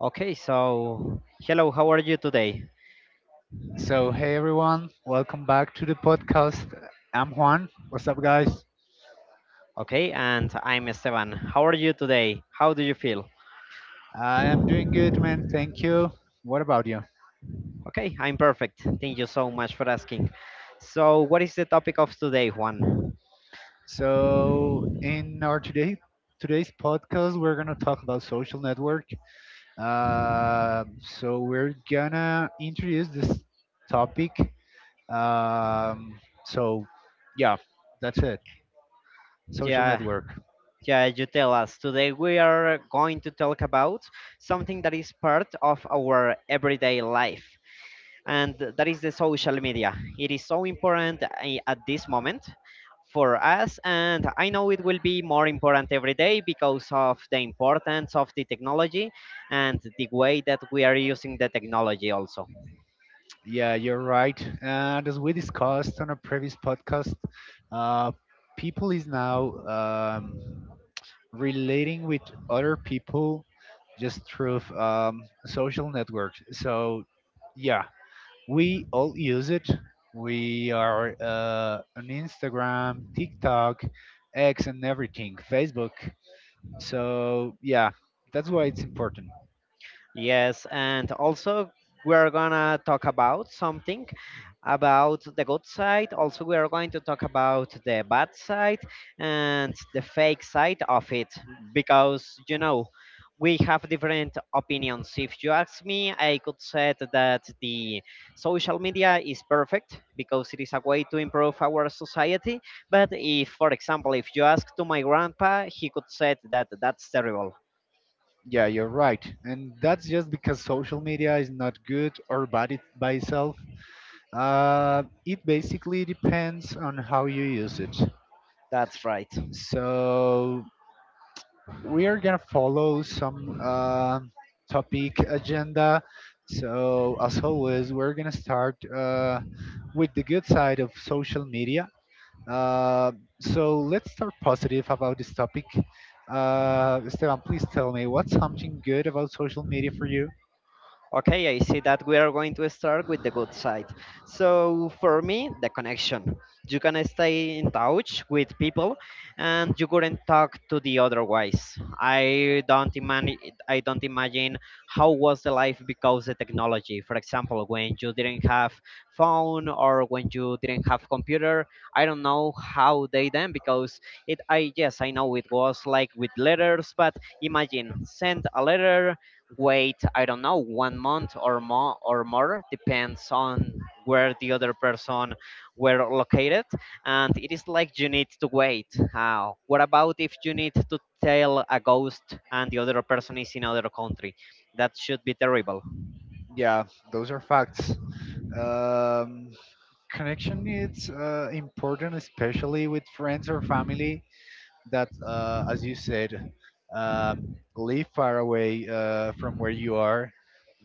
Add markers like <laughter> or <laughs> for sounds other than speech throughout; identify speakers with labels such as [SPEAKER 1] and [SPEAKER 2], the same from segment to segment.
[SPEAKER 1] Okay, so hello, how are you today?
[SPEAKER 2] Hey everyone, welcome back to the podcast. I'm Juan. What's up, guys?
[SPEAKER 1] Okay, and I'm Esteban. How are you today? How do you feel?
[SPEAKER 2] I am doing good, man. Thank you. What about you?
[SPEAKER 1] Okay, I'm perfect. Thank you so much for asking. So, what is the topic of today, Juan?
[SPEAKER 2] So, in our today's podcast, we're gonna talk about social network. We're gonna introduce this topic. Um, so, yeah, that's it. Social
[SPEAKER 1] Yeah,
[SPEAKER 2] network.
[SPEAKER 1] yeah, you tell us. Today we are going to talk about something that is part of our everyday life. And that is the social media. It is so important at this moment for us, and I know it will be more important every day because of the importance of the technology and the way that we are using the technology also.
[SPEAKER 2] Yeah, you're right. And as we discussed on a previous podcast, uh, people is now relating with other people just through social networks. Yeah, we all use it. We are on Instagram, TikTok, X, and everything, Facebook. So, yeah, that's why it's important.
[SPEAKER 1] Yes, and also we're gonna talk about something about the good side. Also, we are going to talk about the bad side and the fake side of it because we have different opinions. If you ask me, I could say that the social media is perfect because it is a way to improve our society. But if, for example, if you ask to my grandpa, he could say that that's terrible.
[SPEAKER 2] Yeah, you're right. And that's just because social media is not good or bad it by itself. It basically depends on how you use it.
[SPEAKER 1] That's right.
[SPEAKER 2] So we are gonna follow some topic agenda. So as always, we're gonna start with the good side of social media. Uh, so let's start positive about this topic. Esteban, please tell me what's something good about social media for you?
[SPEAKER 1] Okay, I see that we are going to start with the good side. So, for me, the connection. You can stay in touch with people and you couldn't talk to the otherwise. I don't imagine I don't imagine how was the life because the technology. For example, when you didn't have phone or when you didn't have computer, I don't know how they then because it I yes, I know it was like with letters. But imagine send a letter. Wait, I don't know, 1 month or more, depends on where the other person were located. And it is like you need to wait. What about if you need to tell a ghost and the other person is in another country? That should be terrible. <laughs>
[SPEAKER 2] Yeah, those are facts. Um, Connection is important, especially with friends or family that, as you said, um, live far away from where you are.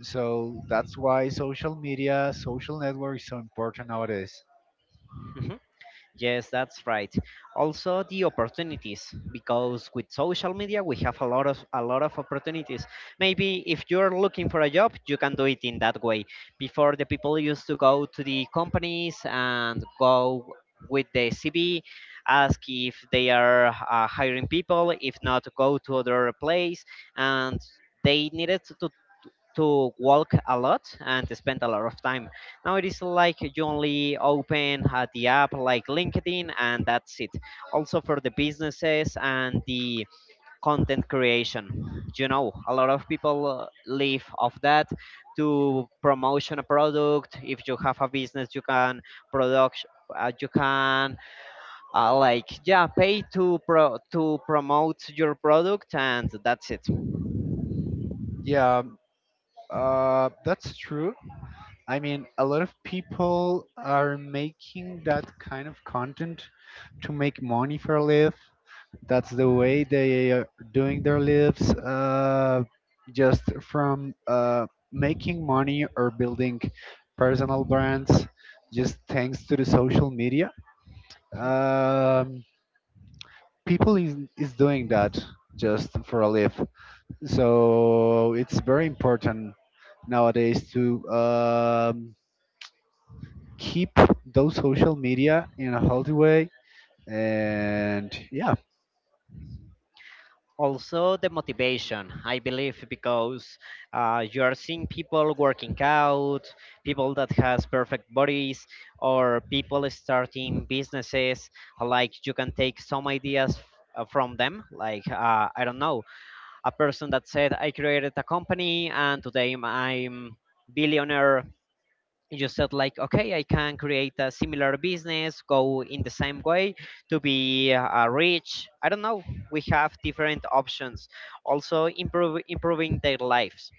[SPEAKER 2] So that's why social media, social network is so important nowadays.
[SPEAKER 1] Mhm. Yes, that's right. Also the opportunities because with social media we have a lot of opportunities. Maybe if you're looking for a job, you can do it in that way. Before the people used to go to the companies and go with the CV, ask if they are hiring people, if not go to other place and they needed to walk a lot and spend a lot of time. Now it is like you only open the app like LinkedIn and that's it. Also for the businesses and the content creation. A lot of people live off that to promotion a product. If you have a business, you can production. You can like yeah pay to promote your product and that's it.
[SPEAKER 2] Yeah, that's true. I mean, a lot of people are making that kind of content to make money for life. That's the way they are doing their lives, just from making money or building personal brands, just thanks to the social media. Um, People is doing that just for a live. So it's very important nowadays to keep those social media in a healthy way. And
[SPEAKER 1] Also the motivation I believe because you are seeing people working out, people that has perfect bodies or people starting businesses. Like you can take some ideas from them. Like I don't know, a person that said I created a company and today I'm billionaire. You said like okay I can create a similar business go in the same way to be rich. I don't know, we have different options. Also improving their lives.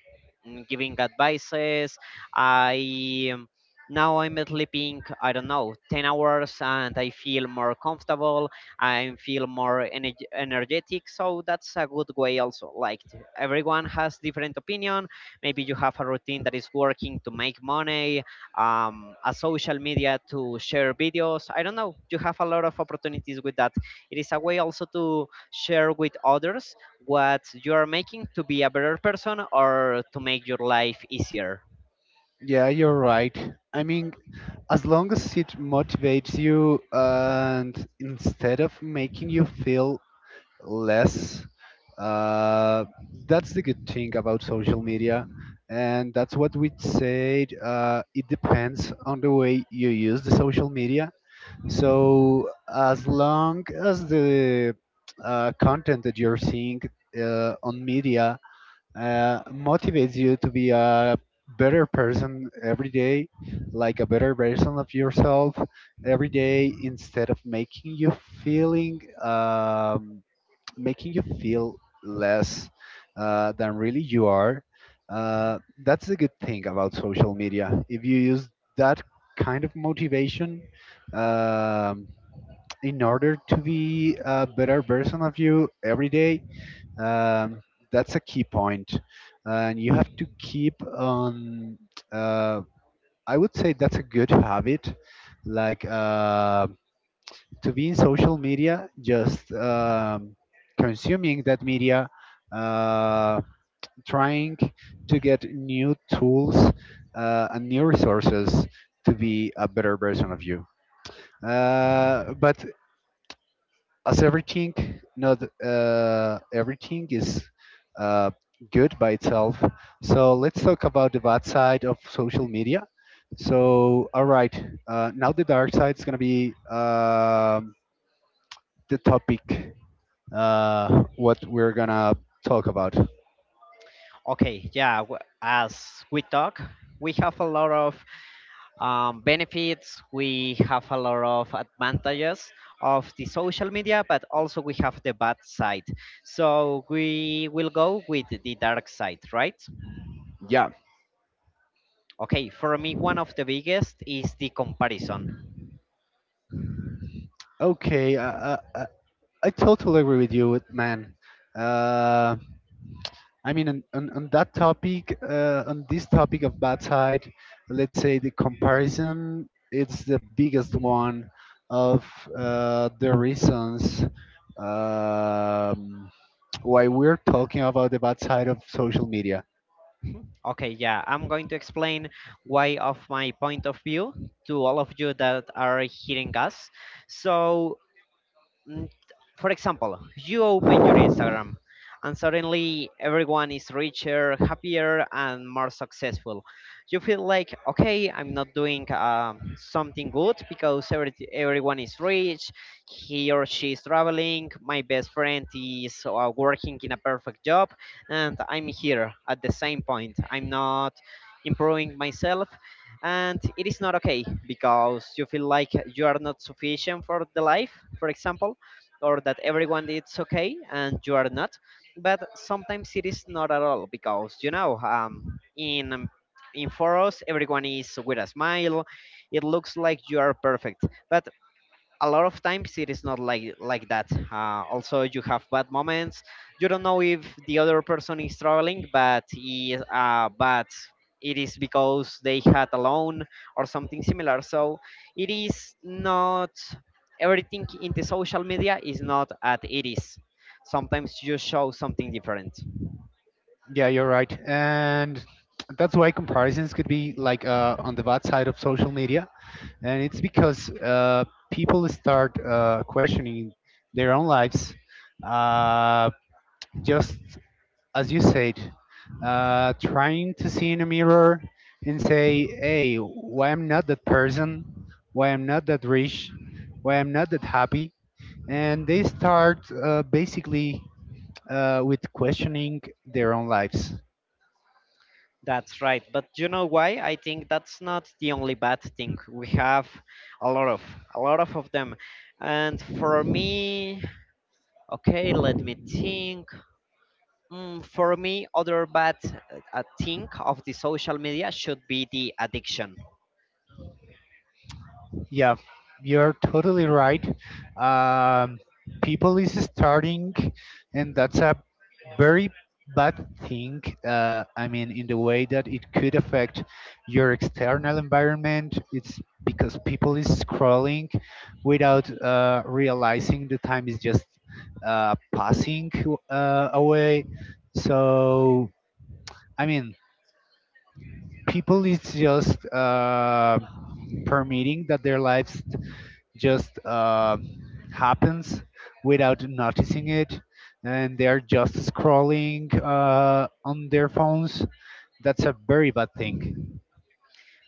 [SPEAKER 1] Giving advices. I Now I'm sleeping I don't know 10 hours and I feel more comfortable. I feel more energetic. So that's a good way also. Like everyone has different opinion, maybe you have a routine that is working to make money. A social media to share videos. I don't know. You have a lot of opportunities with that. It is a way also to share with others what you are making to be a better person or to make your life easier.
[SPEAKER 2] yeah, you're right. I mean, as long as it motivates you and instead of making you feel less, uh, that's the good thing about social media, and that's what we said. It depends on the way you use the social media, so as long as the content that you're seeing on media motivates you to be a better person every day, like a better version of yourself every day, instead of feeling um, making you feel less than really you are. That's the good thing about social media. If you use that kind of motivation, um, in order to be a better version of you every day, um, that's a key point, and you have to keep on. Uh, I would say that's a good habit, like to be in social media, just consuming that media, uh, trying to get new tools and new resources to be a better version of you. But as everything, not everything is uh, good by itself, so let's talk about the bad side of social media. So all right, now the dark side is going to be the topic what we're gonna talk about.
[SPEAKER 1] Okay, yeah, as we talk, we have a lot of benefits, we have a lot of advantages of the social media, but also we have the bad side. So we will go with the dark side, right?
[SPEAKER 2] Yeah,
[SPEAKER 1] Okay, for me, one of the biggest is the comparison.
[SPEAKER 2] okay. Uh, uh, I totally agree with you, man. uh, I mean, on that topic, on this topic of bad side, let's say the comparison, it's the biggest one of the reasons um, why we're talking about the bad side of social media.
[SPEAKER 1] Mhm. Okay, yeah, I'm going to explain why, of my point of view, to all of you that are hearing us. So, mm, for example, you open your Instagram and suddenly everyone is richer, happier, and more successful. You feel like, okay, I'm not doing something good because everyone is rich, he or she is traveling, my best friend is working in a perfect job, and I'm here at the same point. I'm not improving myself and it is not okay because you feel like you are not sufficient for the life, for example, or that everyone is okay and you are not. But sometimes it is not at all because in for us everyone is with a smile. It looks like you are perfect. But a lot of times it is not like that. Also you have bad moments. You don't know if the other person is struggling, but it is because they had a loan or something similar. So it is not everything in the social media is not at it is. Sometimes you show something different.
[SPEAKER 2] Yeah, you're right. And that's why comparisons could be like on the bad side of social media. And it's because people start questioning their own lives, uh, just as you said, trying to see in a mirror and say, hey, why I'm not that person, why I'm not that rich, why I'm not that happy. And they start basically with questioning their own lives.
[SPEAKER 1] That's right. But you know why I think that's not the only bad thing? We have a lot of a lot of them. And for me, okay, let me think. Mm, for me, other bad thing of the social media should be the addiction.
[SPEAKER 2] Yeah, you're totally right. Um, People is starting, and that's a very bad thing. I mean, in the way that it could affect your external environment, it's because people is scrolling without realizing the time is just passing away. So, I mean, people is just permitting that their lives just happens without noticing it, and they are just scrolling on their phones. That's a very bad thing.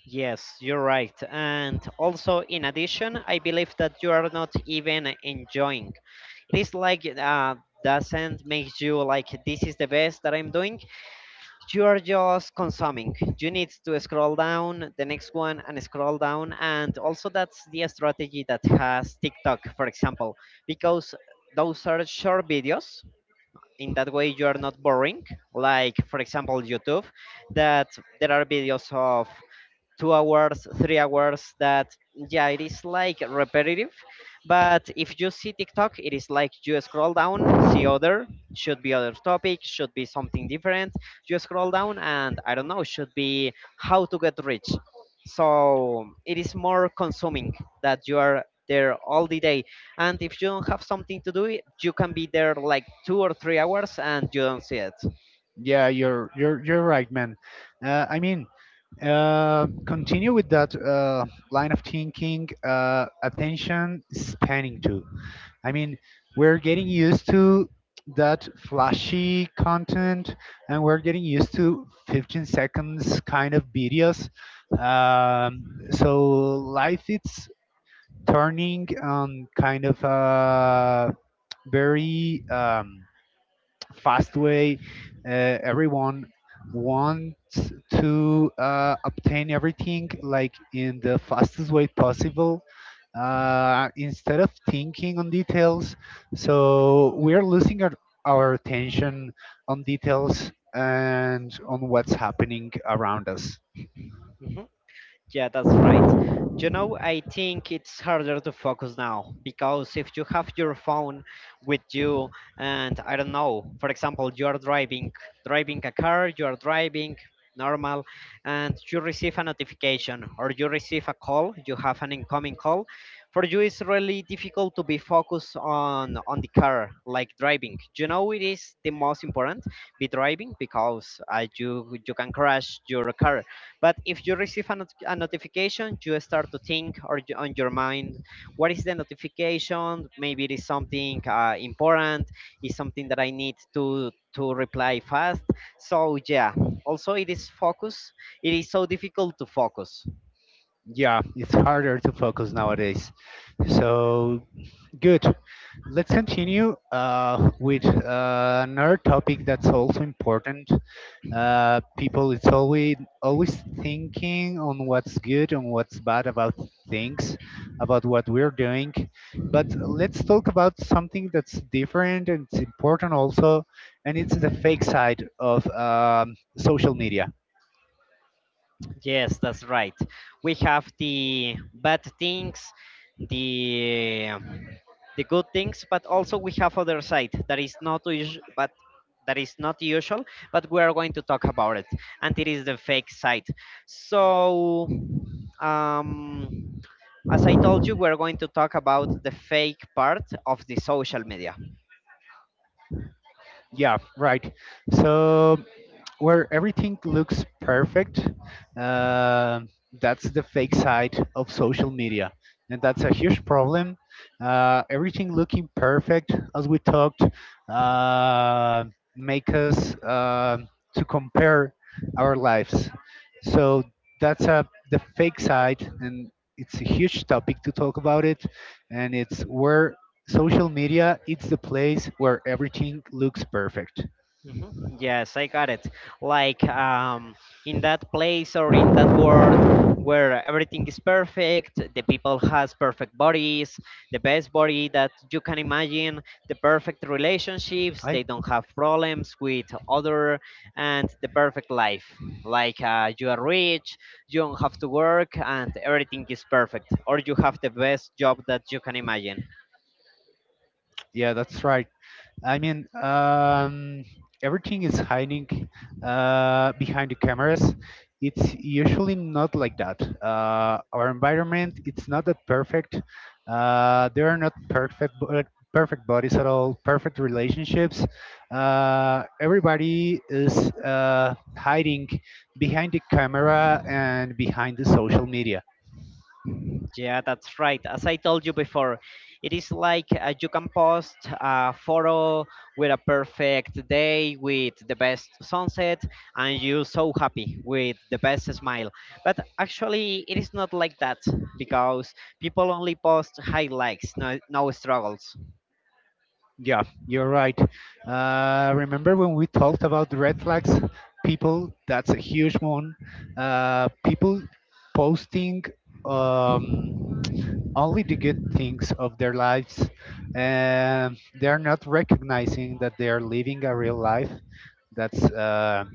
[SPEAKER 1] Yes, you're right. And also, in addition, I believe that you are not even enjoying. It is like doesn't make you like this is the best that I'm doing. You are just consuming. You need to scroll down the next one and scroll down. And also, that's the strategy that has TikTok, for example, because those are short videos. In that way, you are not boring. Like, for example, YouTube, that there are videos of 2 hours, 3 hours that, yeah, it is like repetitive. But if you see TikTok, it is like you scroll down, see other, should be other topic, should be something different. You scroll down, and I don't know, should be how to get rich. So it is more consuming that you are there all the day. And if you don't have something to do, you can be there like 2 or 3 hours and you don't see it.
[SPEAKER 2] Yeah you're right, man. I mean, continue with that line of thinking, attention spanning too. I mean, we're getting used to that flashy content, and we're getting used to 15 seconds kind of videos. So life is turning on kind of a very fast way. Uh, Everyone wants to obtain everything like in the fastest way possible, instead of thinking on details. So we're losing our attention on details and on what's happening around us.
[SPEAKER 1] Mhm. Yeah, that's right. I think it's harder to focus now because if you have your phone with you and I don't know, for example, you are driving, a car, you are driving normal and you receive a notification or you receive a call, you have an incoming call, for you it's really difficult to be focused on the car like driving. It is the most important be driving because you can crash your car. But if you receive a, not- a notification, you start to think or you, on your mind, what is the notification? Maybe it is something important, it's something that I need to reply fast. So yeah. Also, it is focus. It is so difficult to focus.
[SPEAKER 2] Yeah, it's harder to focus nowadays. So good. Let's continue with another topic that's also important. People is always thinking on what's good and what's bad about things, about what we're doing, but let's talk about something that's different and it's important also, and it's the fake side of social media.
[SPEAKER 1] Yes, that's right. We have the bad things, the the good things, but also we have other side that is not usual, but that is not usual. But we are going to talk about it, and it is the fake side. So, um, as I told you, we're going to talk about the fake part of the social media.
[SPEAKER 2] Yeah, right. So, where everything looks perfect. Uh, that's the fake side of social media, and that's a huge problem. Everything looking perfect, as we talked, uh, make us to compare our lives. So that's a the fake side, and it's a huge topic to talk about it, and it's where social media it's the place where everything looks perfect.
[SPEAKER 1] Hmm. Yes, I got it. Like in that place or in that world where everything is perfect, the people has perfect bodies, the best body that you can imagine, the perfect relationships,
[SPEAKER 2] I
[SPEAKER 1] they don't have problems with other, and the perfect life. Like you are rich, you don't have to work, and everything is perfect, or you have the best job that you can imagine.
[SPEAKER 2] Yeah, that's right. I mean, everything is hiding behind the cameras. It's usually not like that. Our environment, it's not that perfect. There are not perfect bodies at all. Perfect relationships. Everybody is hiding behind the camera and behind the social media.
[SPEAKER 1] Yeah, that's right. As I told you before, it is like you can post a photo with a perfect day, with the best sunset, and you're so happy with the best smile. But actually, it is not like that because people only post highlights, no, no struggles.
[SPEAKER 2] Yeah, you're right. Remember when we talked about the red flags? People, that's a huge one. People posting um, only the good things of their lives, and they're not recognizing that they are living a real life that's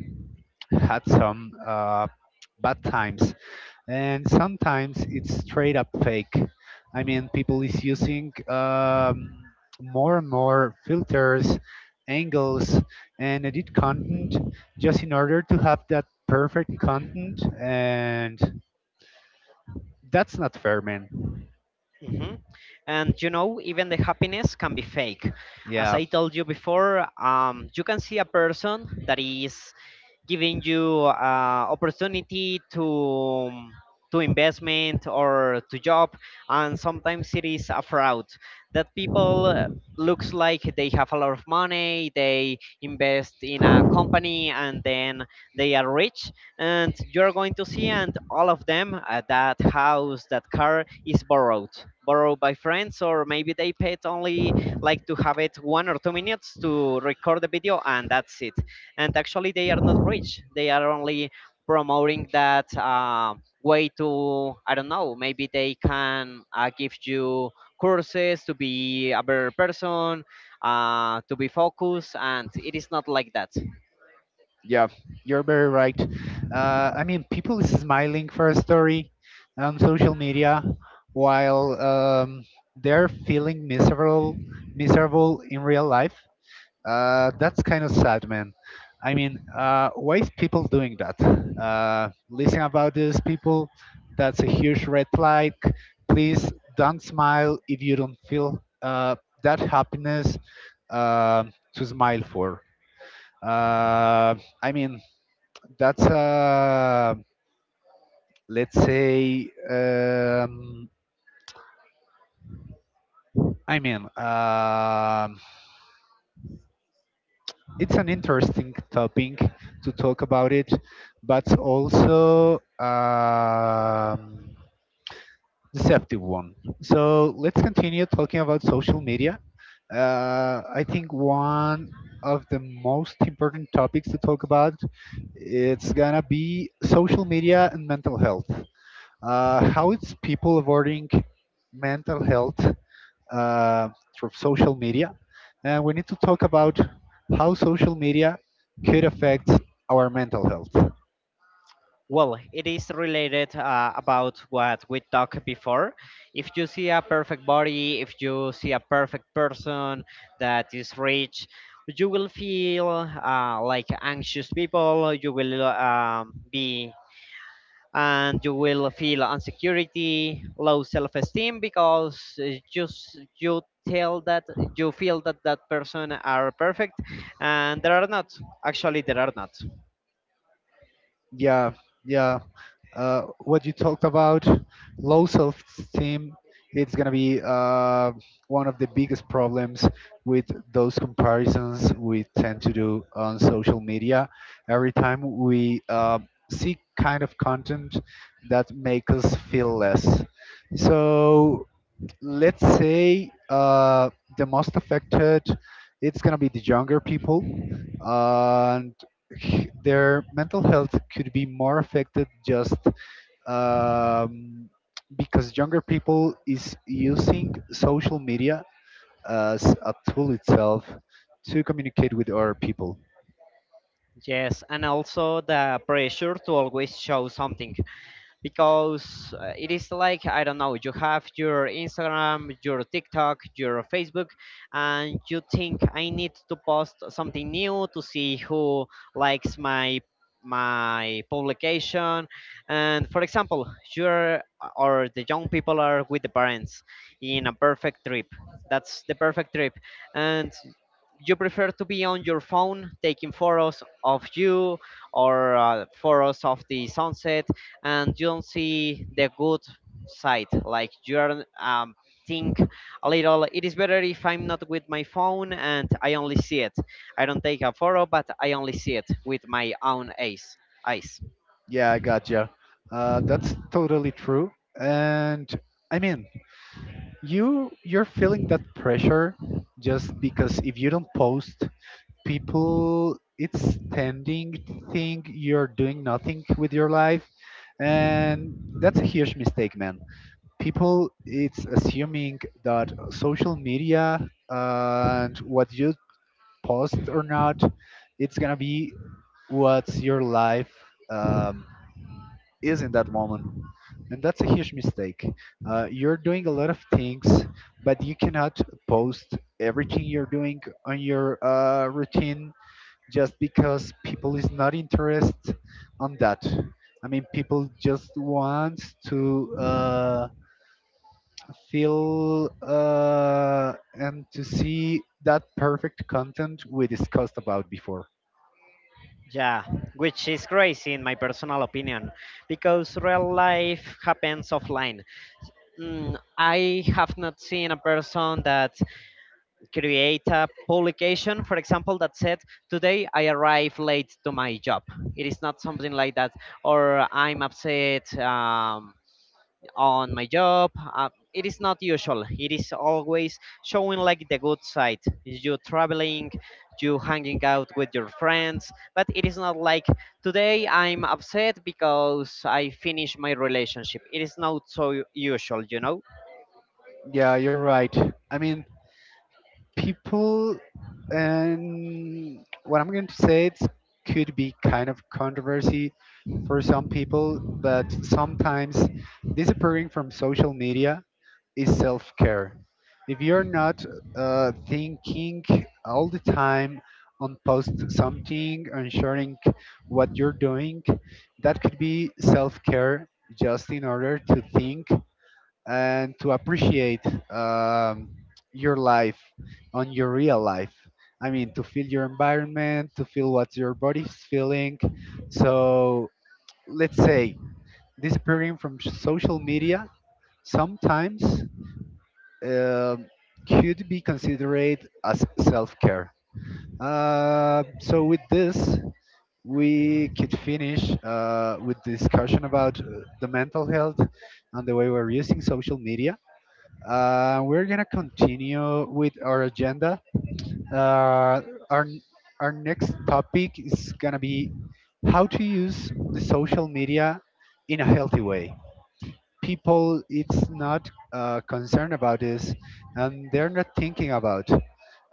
[SPEAKER 2] had some bad times, and sometimes it's straight up fake. I mean, people is using more and more filters, angles, and edit content just in order to have that perfect content, and that's not fair, man.
[SPEAKER 1] Hmm. And even the happiness can be fake. As
[SPEAKER 2] Yeah,
[SPEAKER 1] I told you before, you can see a person that is giving you opportunity to investment or to job, and sometimes it is a fraud. That people looks like they have a lot of money, they invest in a company, and then they are rich. And you're going to see, and all of them, that house, that car is borrowed, borrowed by friends, or maybe they paid only like to have it 1 or 2 minutes to record the video and that's it. And actually they are not rich, they are only promoting that, way to, I don't know, maybe they can give you courses to be a better person, to be focused, and it is not like that.
[SPEAKER 2] yeah, you're very right. I mean, people is smiling for a story on social media while they're feeling miserable in real life. That's kind of sad, man. I mean, why is people doing that? Listen about these people. That's a huge red flag. Please don't smile if you don't feel that happiness uh, to smile for. Uh, I mean, that's let's say. I mean, it's an interesting topic to talk about it, but also deceptive one. So let's continue talking about social media. I think one of the most important topics to talk about it's gonna be social media and mental health. How it's people avoiding mental health uh, through social media. And we need to talk about how social media could affect our mental health.
[SPEAKER 1] Well, it is related about what we talked before. If you see a perfect body, if you see a perfect person that is rich, you will feel like anxious people. You will be, and you will feel insecurity, low self-esteem, because just you tell that you feel that that person are perfect, and there are not. Actually, there are not.
[SPEAKER 2] Yeah, yeah. What you talked about, low self esteem, it's going to be one of the biggest problems with those comparisons we tend to do on social media. Every time we see kind of content that make us feel less. So let's say the most affected it's going to be the younger people, and their mental health could be more affected just um, because younger people is using social media as a tool itself to communicate with other people.
[SPEAKER 1] Yes, and also the pressure to always show something, because it is like, I don't know, you have your Instagram, your TikTok, your Facebook, and you think I need to post something new to see who likes my publication. And for example, you're, or the young people are with the parents in a perfect trip, that's the perfect trip, and you prefer to be on your phone taking photos of you or photos of the sunset, and you don't see the good side. Like, you're think a little, it is better if I'm not with my phone and I only see it, I don't take a photo, but I only see it with my own eyes.
[SPEAKER 2] Yeah, I gotcha. That's totally true. And I mean, you're feeling that pressure just because if you don't post, people it's tending to think you're doing nothing with your life, and that's a huge mistake, man. People it's assuming that social media and what you post or not it's gonna be what's your life, um, is in that moment, and that's a huge mistake. You're doing a lot of things, but you cannot post everything you're doing on your routine, just because people is not interested on that. I mean, people just want to feel and to see that perfect content we discussed about before.
[SPEAKER 1] Yeah, which is crazy, in my personal opinion, because real life happens offline. Mm, I have not seen a person that create a publication, for example, that said, "Today I arrive late to my job." It is not something like that, or "I'm upset on my job." It is not usual. It is always showing like the good side. You traveling, you hanging out with your friends, but it is not like, today I'm upset because I finished my relationship. It is not so usual, you know.
[SPEAKER 2] Yeah, you're right. I mean, people, and what I'm going to say it could be kind of controversy for some people, but sometimes disappearing from social media is self care. If you're not thinking all the time on post something, ensuring what you're doing, that could be self care just in order to think and to appreciate um, your life on your real life. I mean, to feel your environment, to feel what your body's feeling. So let's say disappearing from social media sometimes um, should be considered as self care. So, with this, we could finish with discussion about the mental health and the way we're using social media. We're gonna continue with our agenda. Uh, our next topic is gonna be how to use the social media in a healthy way. People it's not concerned about this and they're not thinking about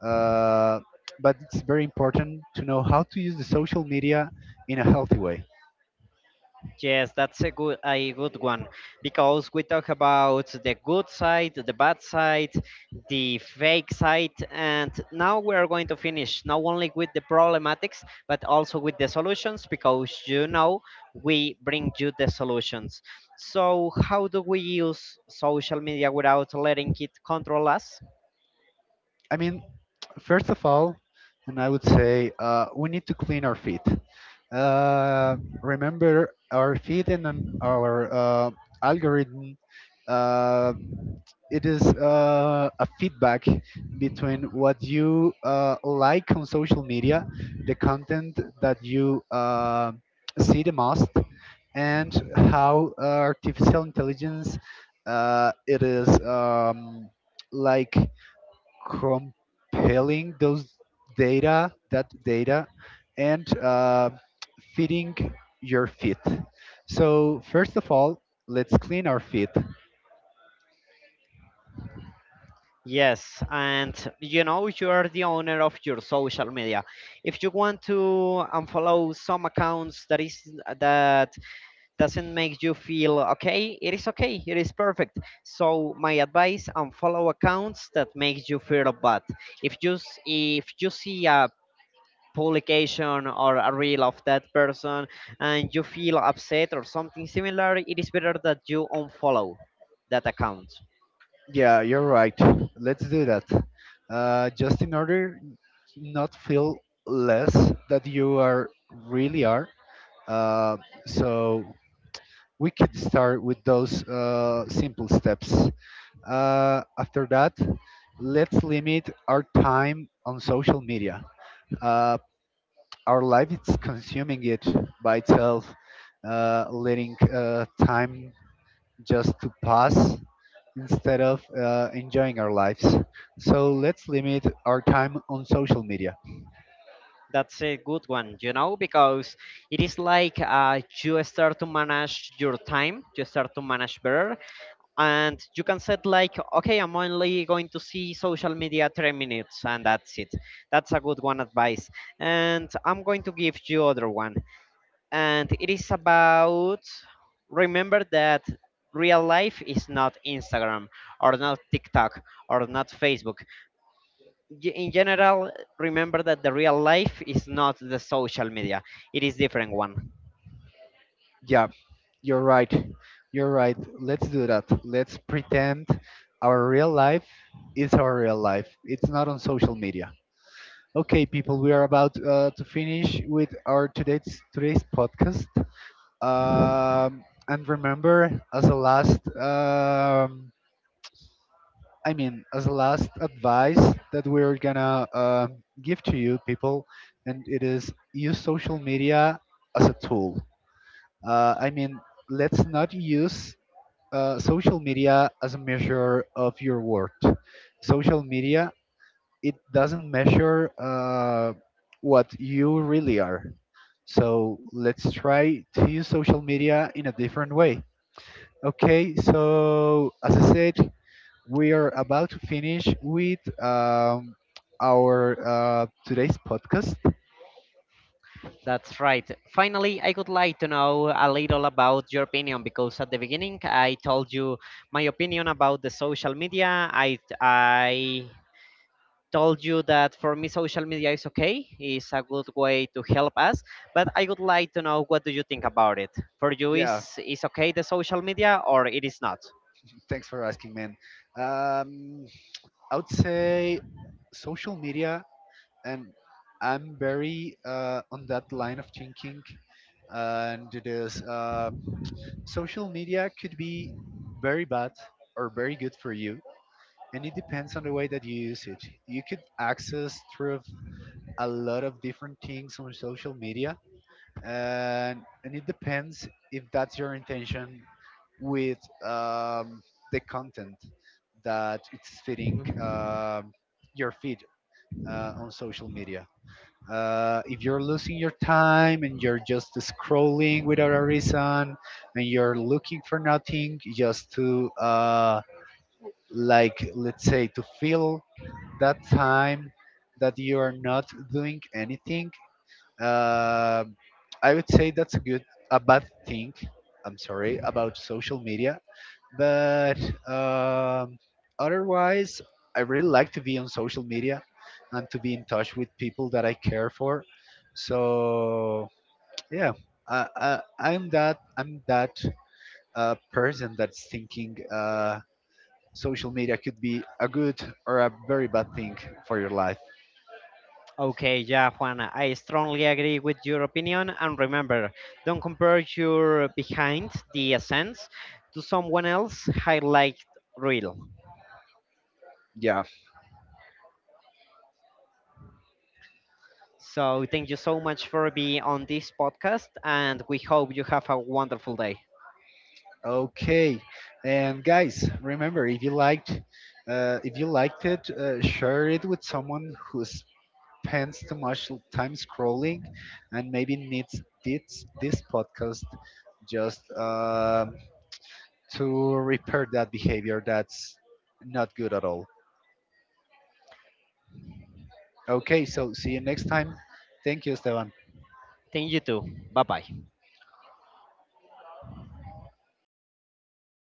[SPEAKER 2] uh, but it's very important to know how to use the social media in a healthy way.
[SPEAKER 1] Yes, that's a good one, because we talk about the good side, the bad side, the fake side, and now we are going to finish not only with the problematics but also with the solutions, because you know, we bring you the solutions. So how do we use social media without letting it control us?
[SPEAKER 2] I mean, first of all, and I would say we need to clean our feet. uh, Remember our feet and then our algorithm. uh, it is a feedback between what you like on social media, the content that you see the most, and how artificial intelligence it is like compiling that data, and feeding your feet. So first of all, let's clean our feet.
[SPEAKER 1] Yes, and you know, you are the owner of your social media. If you want to unfollow some accounts that is that doesn't make you feel okay, it is perfect. So my advice: unfollow accounts that makes you feel bad. If you see a publication or a reel of that person and you feel upset or something similar, it is better that you unfollow that account.
[SPEAKER 2] Yeah, you're right. Let's do that. Just in order not feel less that you are really are. Uh, so we could start with those simple steps. After that, let's limit our time on social media. Uh, our life is consuming it by itself, letting time just to pass instead of enjoying our lives. So let's limit our time on social media.
[SPEAKER 1] That's a good one, you know, because it is like, you start to manage your time, you start to manage better, and you can set like, okay, I'm only going to see social media 3 minutes, and that's it. That's a good one advice. And I'm going to give you other one, and it is about, remember that real life is not Instagram or not TikTok or not Facebook, in general, remember that the real life is not the social media. It is different one.
[SPEAKER 2] Yeah, you're right. You're right. Let's do that. Let's pretend our real life is our real life. It's not on social media. Okay, people, we are about to finish with our today's podcast. And remember, as a last I mean, as a last advice that we're gonna give to you people, and it is use social media as a tool. I mean, let's not use social media as a measure of your worth. Social media it doesn't measure what you really are. So let's try to use social media in a different way. Okay, so as I said, we are about to finish with our today's podcast.
[SPEAKER 1] That's right. Finally, I would like to know a little about your opinion, because at the beginning I told you my opinion about the social media. I told you that for me social media is okay, is a good way to help us, but I would like to know, what do you think about it? For you, is
[SPEAKER 2] Yeah,
[SPEAKER 1] is okay the social media or it is not?
[SPEAKER 2] thanks for asking, man. Um, I would say social media, and I'm very on that line of thinking. And it is social media could be very bad or very good for you, and it depends on the way that you use it. You could access through a lot of different things on social media, and it depends if that's your intention with um, the content that it's fitting your feed on social media. If you're losing your time and you're just scrolling without a reason and you're looking for nothing just to like, let's say to fill that time that you are not doing anything, uh, I would say a bad thing. I'm sorry about social media, but um, otherwise, I really like to be on social media and to be in touch with people that I care for. So yeah, I'm that person that's thinking social media could be a good or a very bad thing for your life.
[SPEAKER 1] Okay, yeah, Juana, I strongly agree with your opinion. And remember, don't compare your behind the essence to someone else highlight reel.
[SPEAKER 2] Yeah.
[SPEAKER 1] So thank you so much for being on this podcast, and we hope you have a wonderful day.
[SPEAKER 2] Okay, and guys, remember if you liked, share it with someone who spends too much time scrolling, and maybe needs this podcast just to repair that behavior that's not good at all. Okay, so see you next time. Thank you, Esteban.
[SPEAKER 1] Thank you too. Bye bye.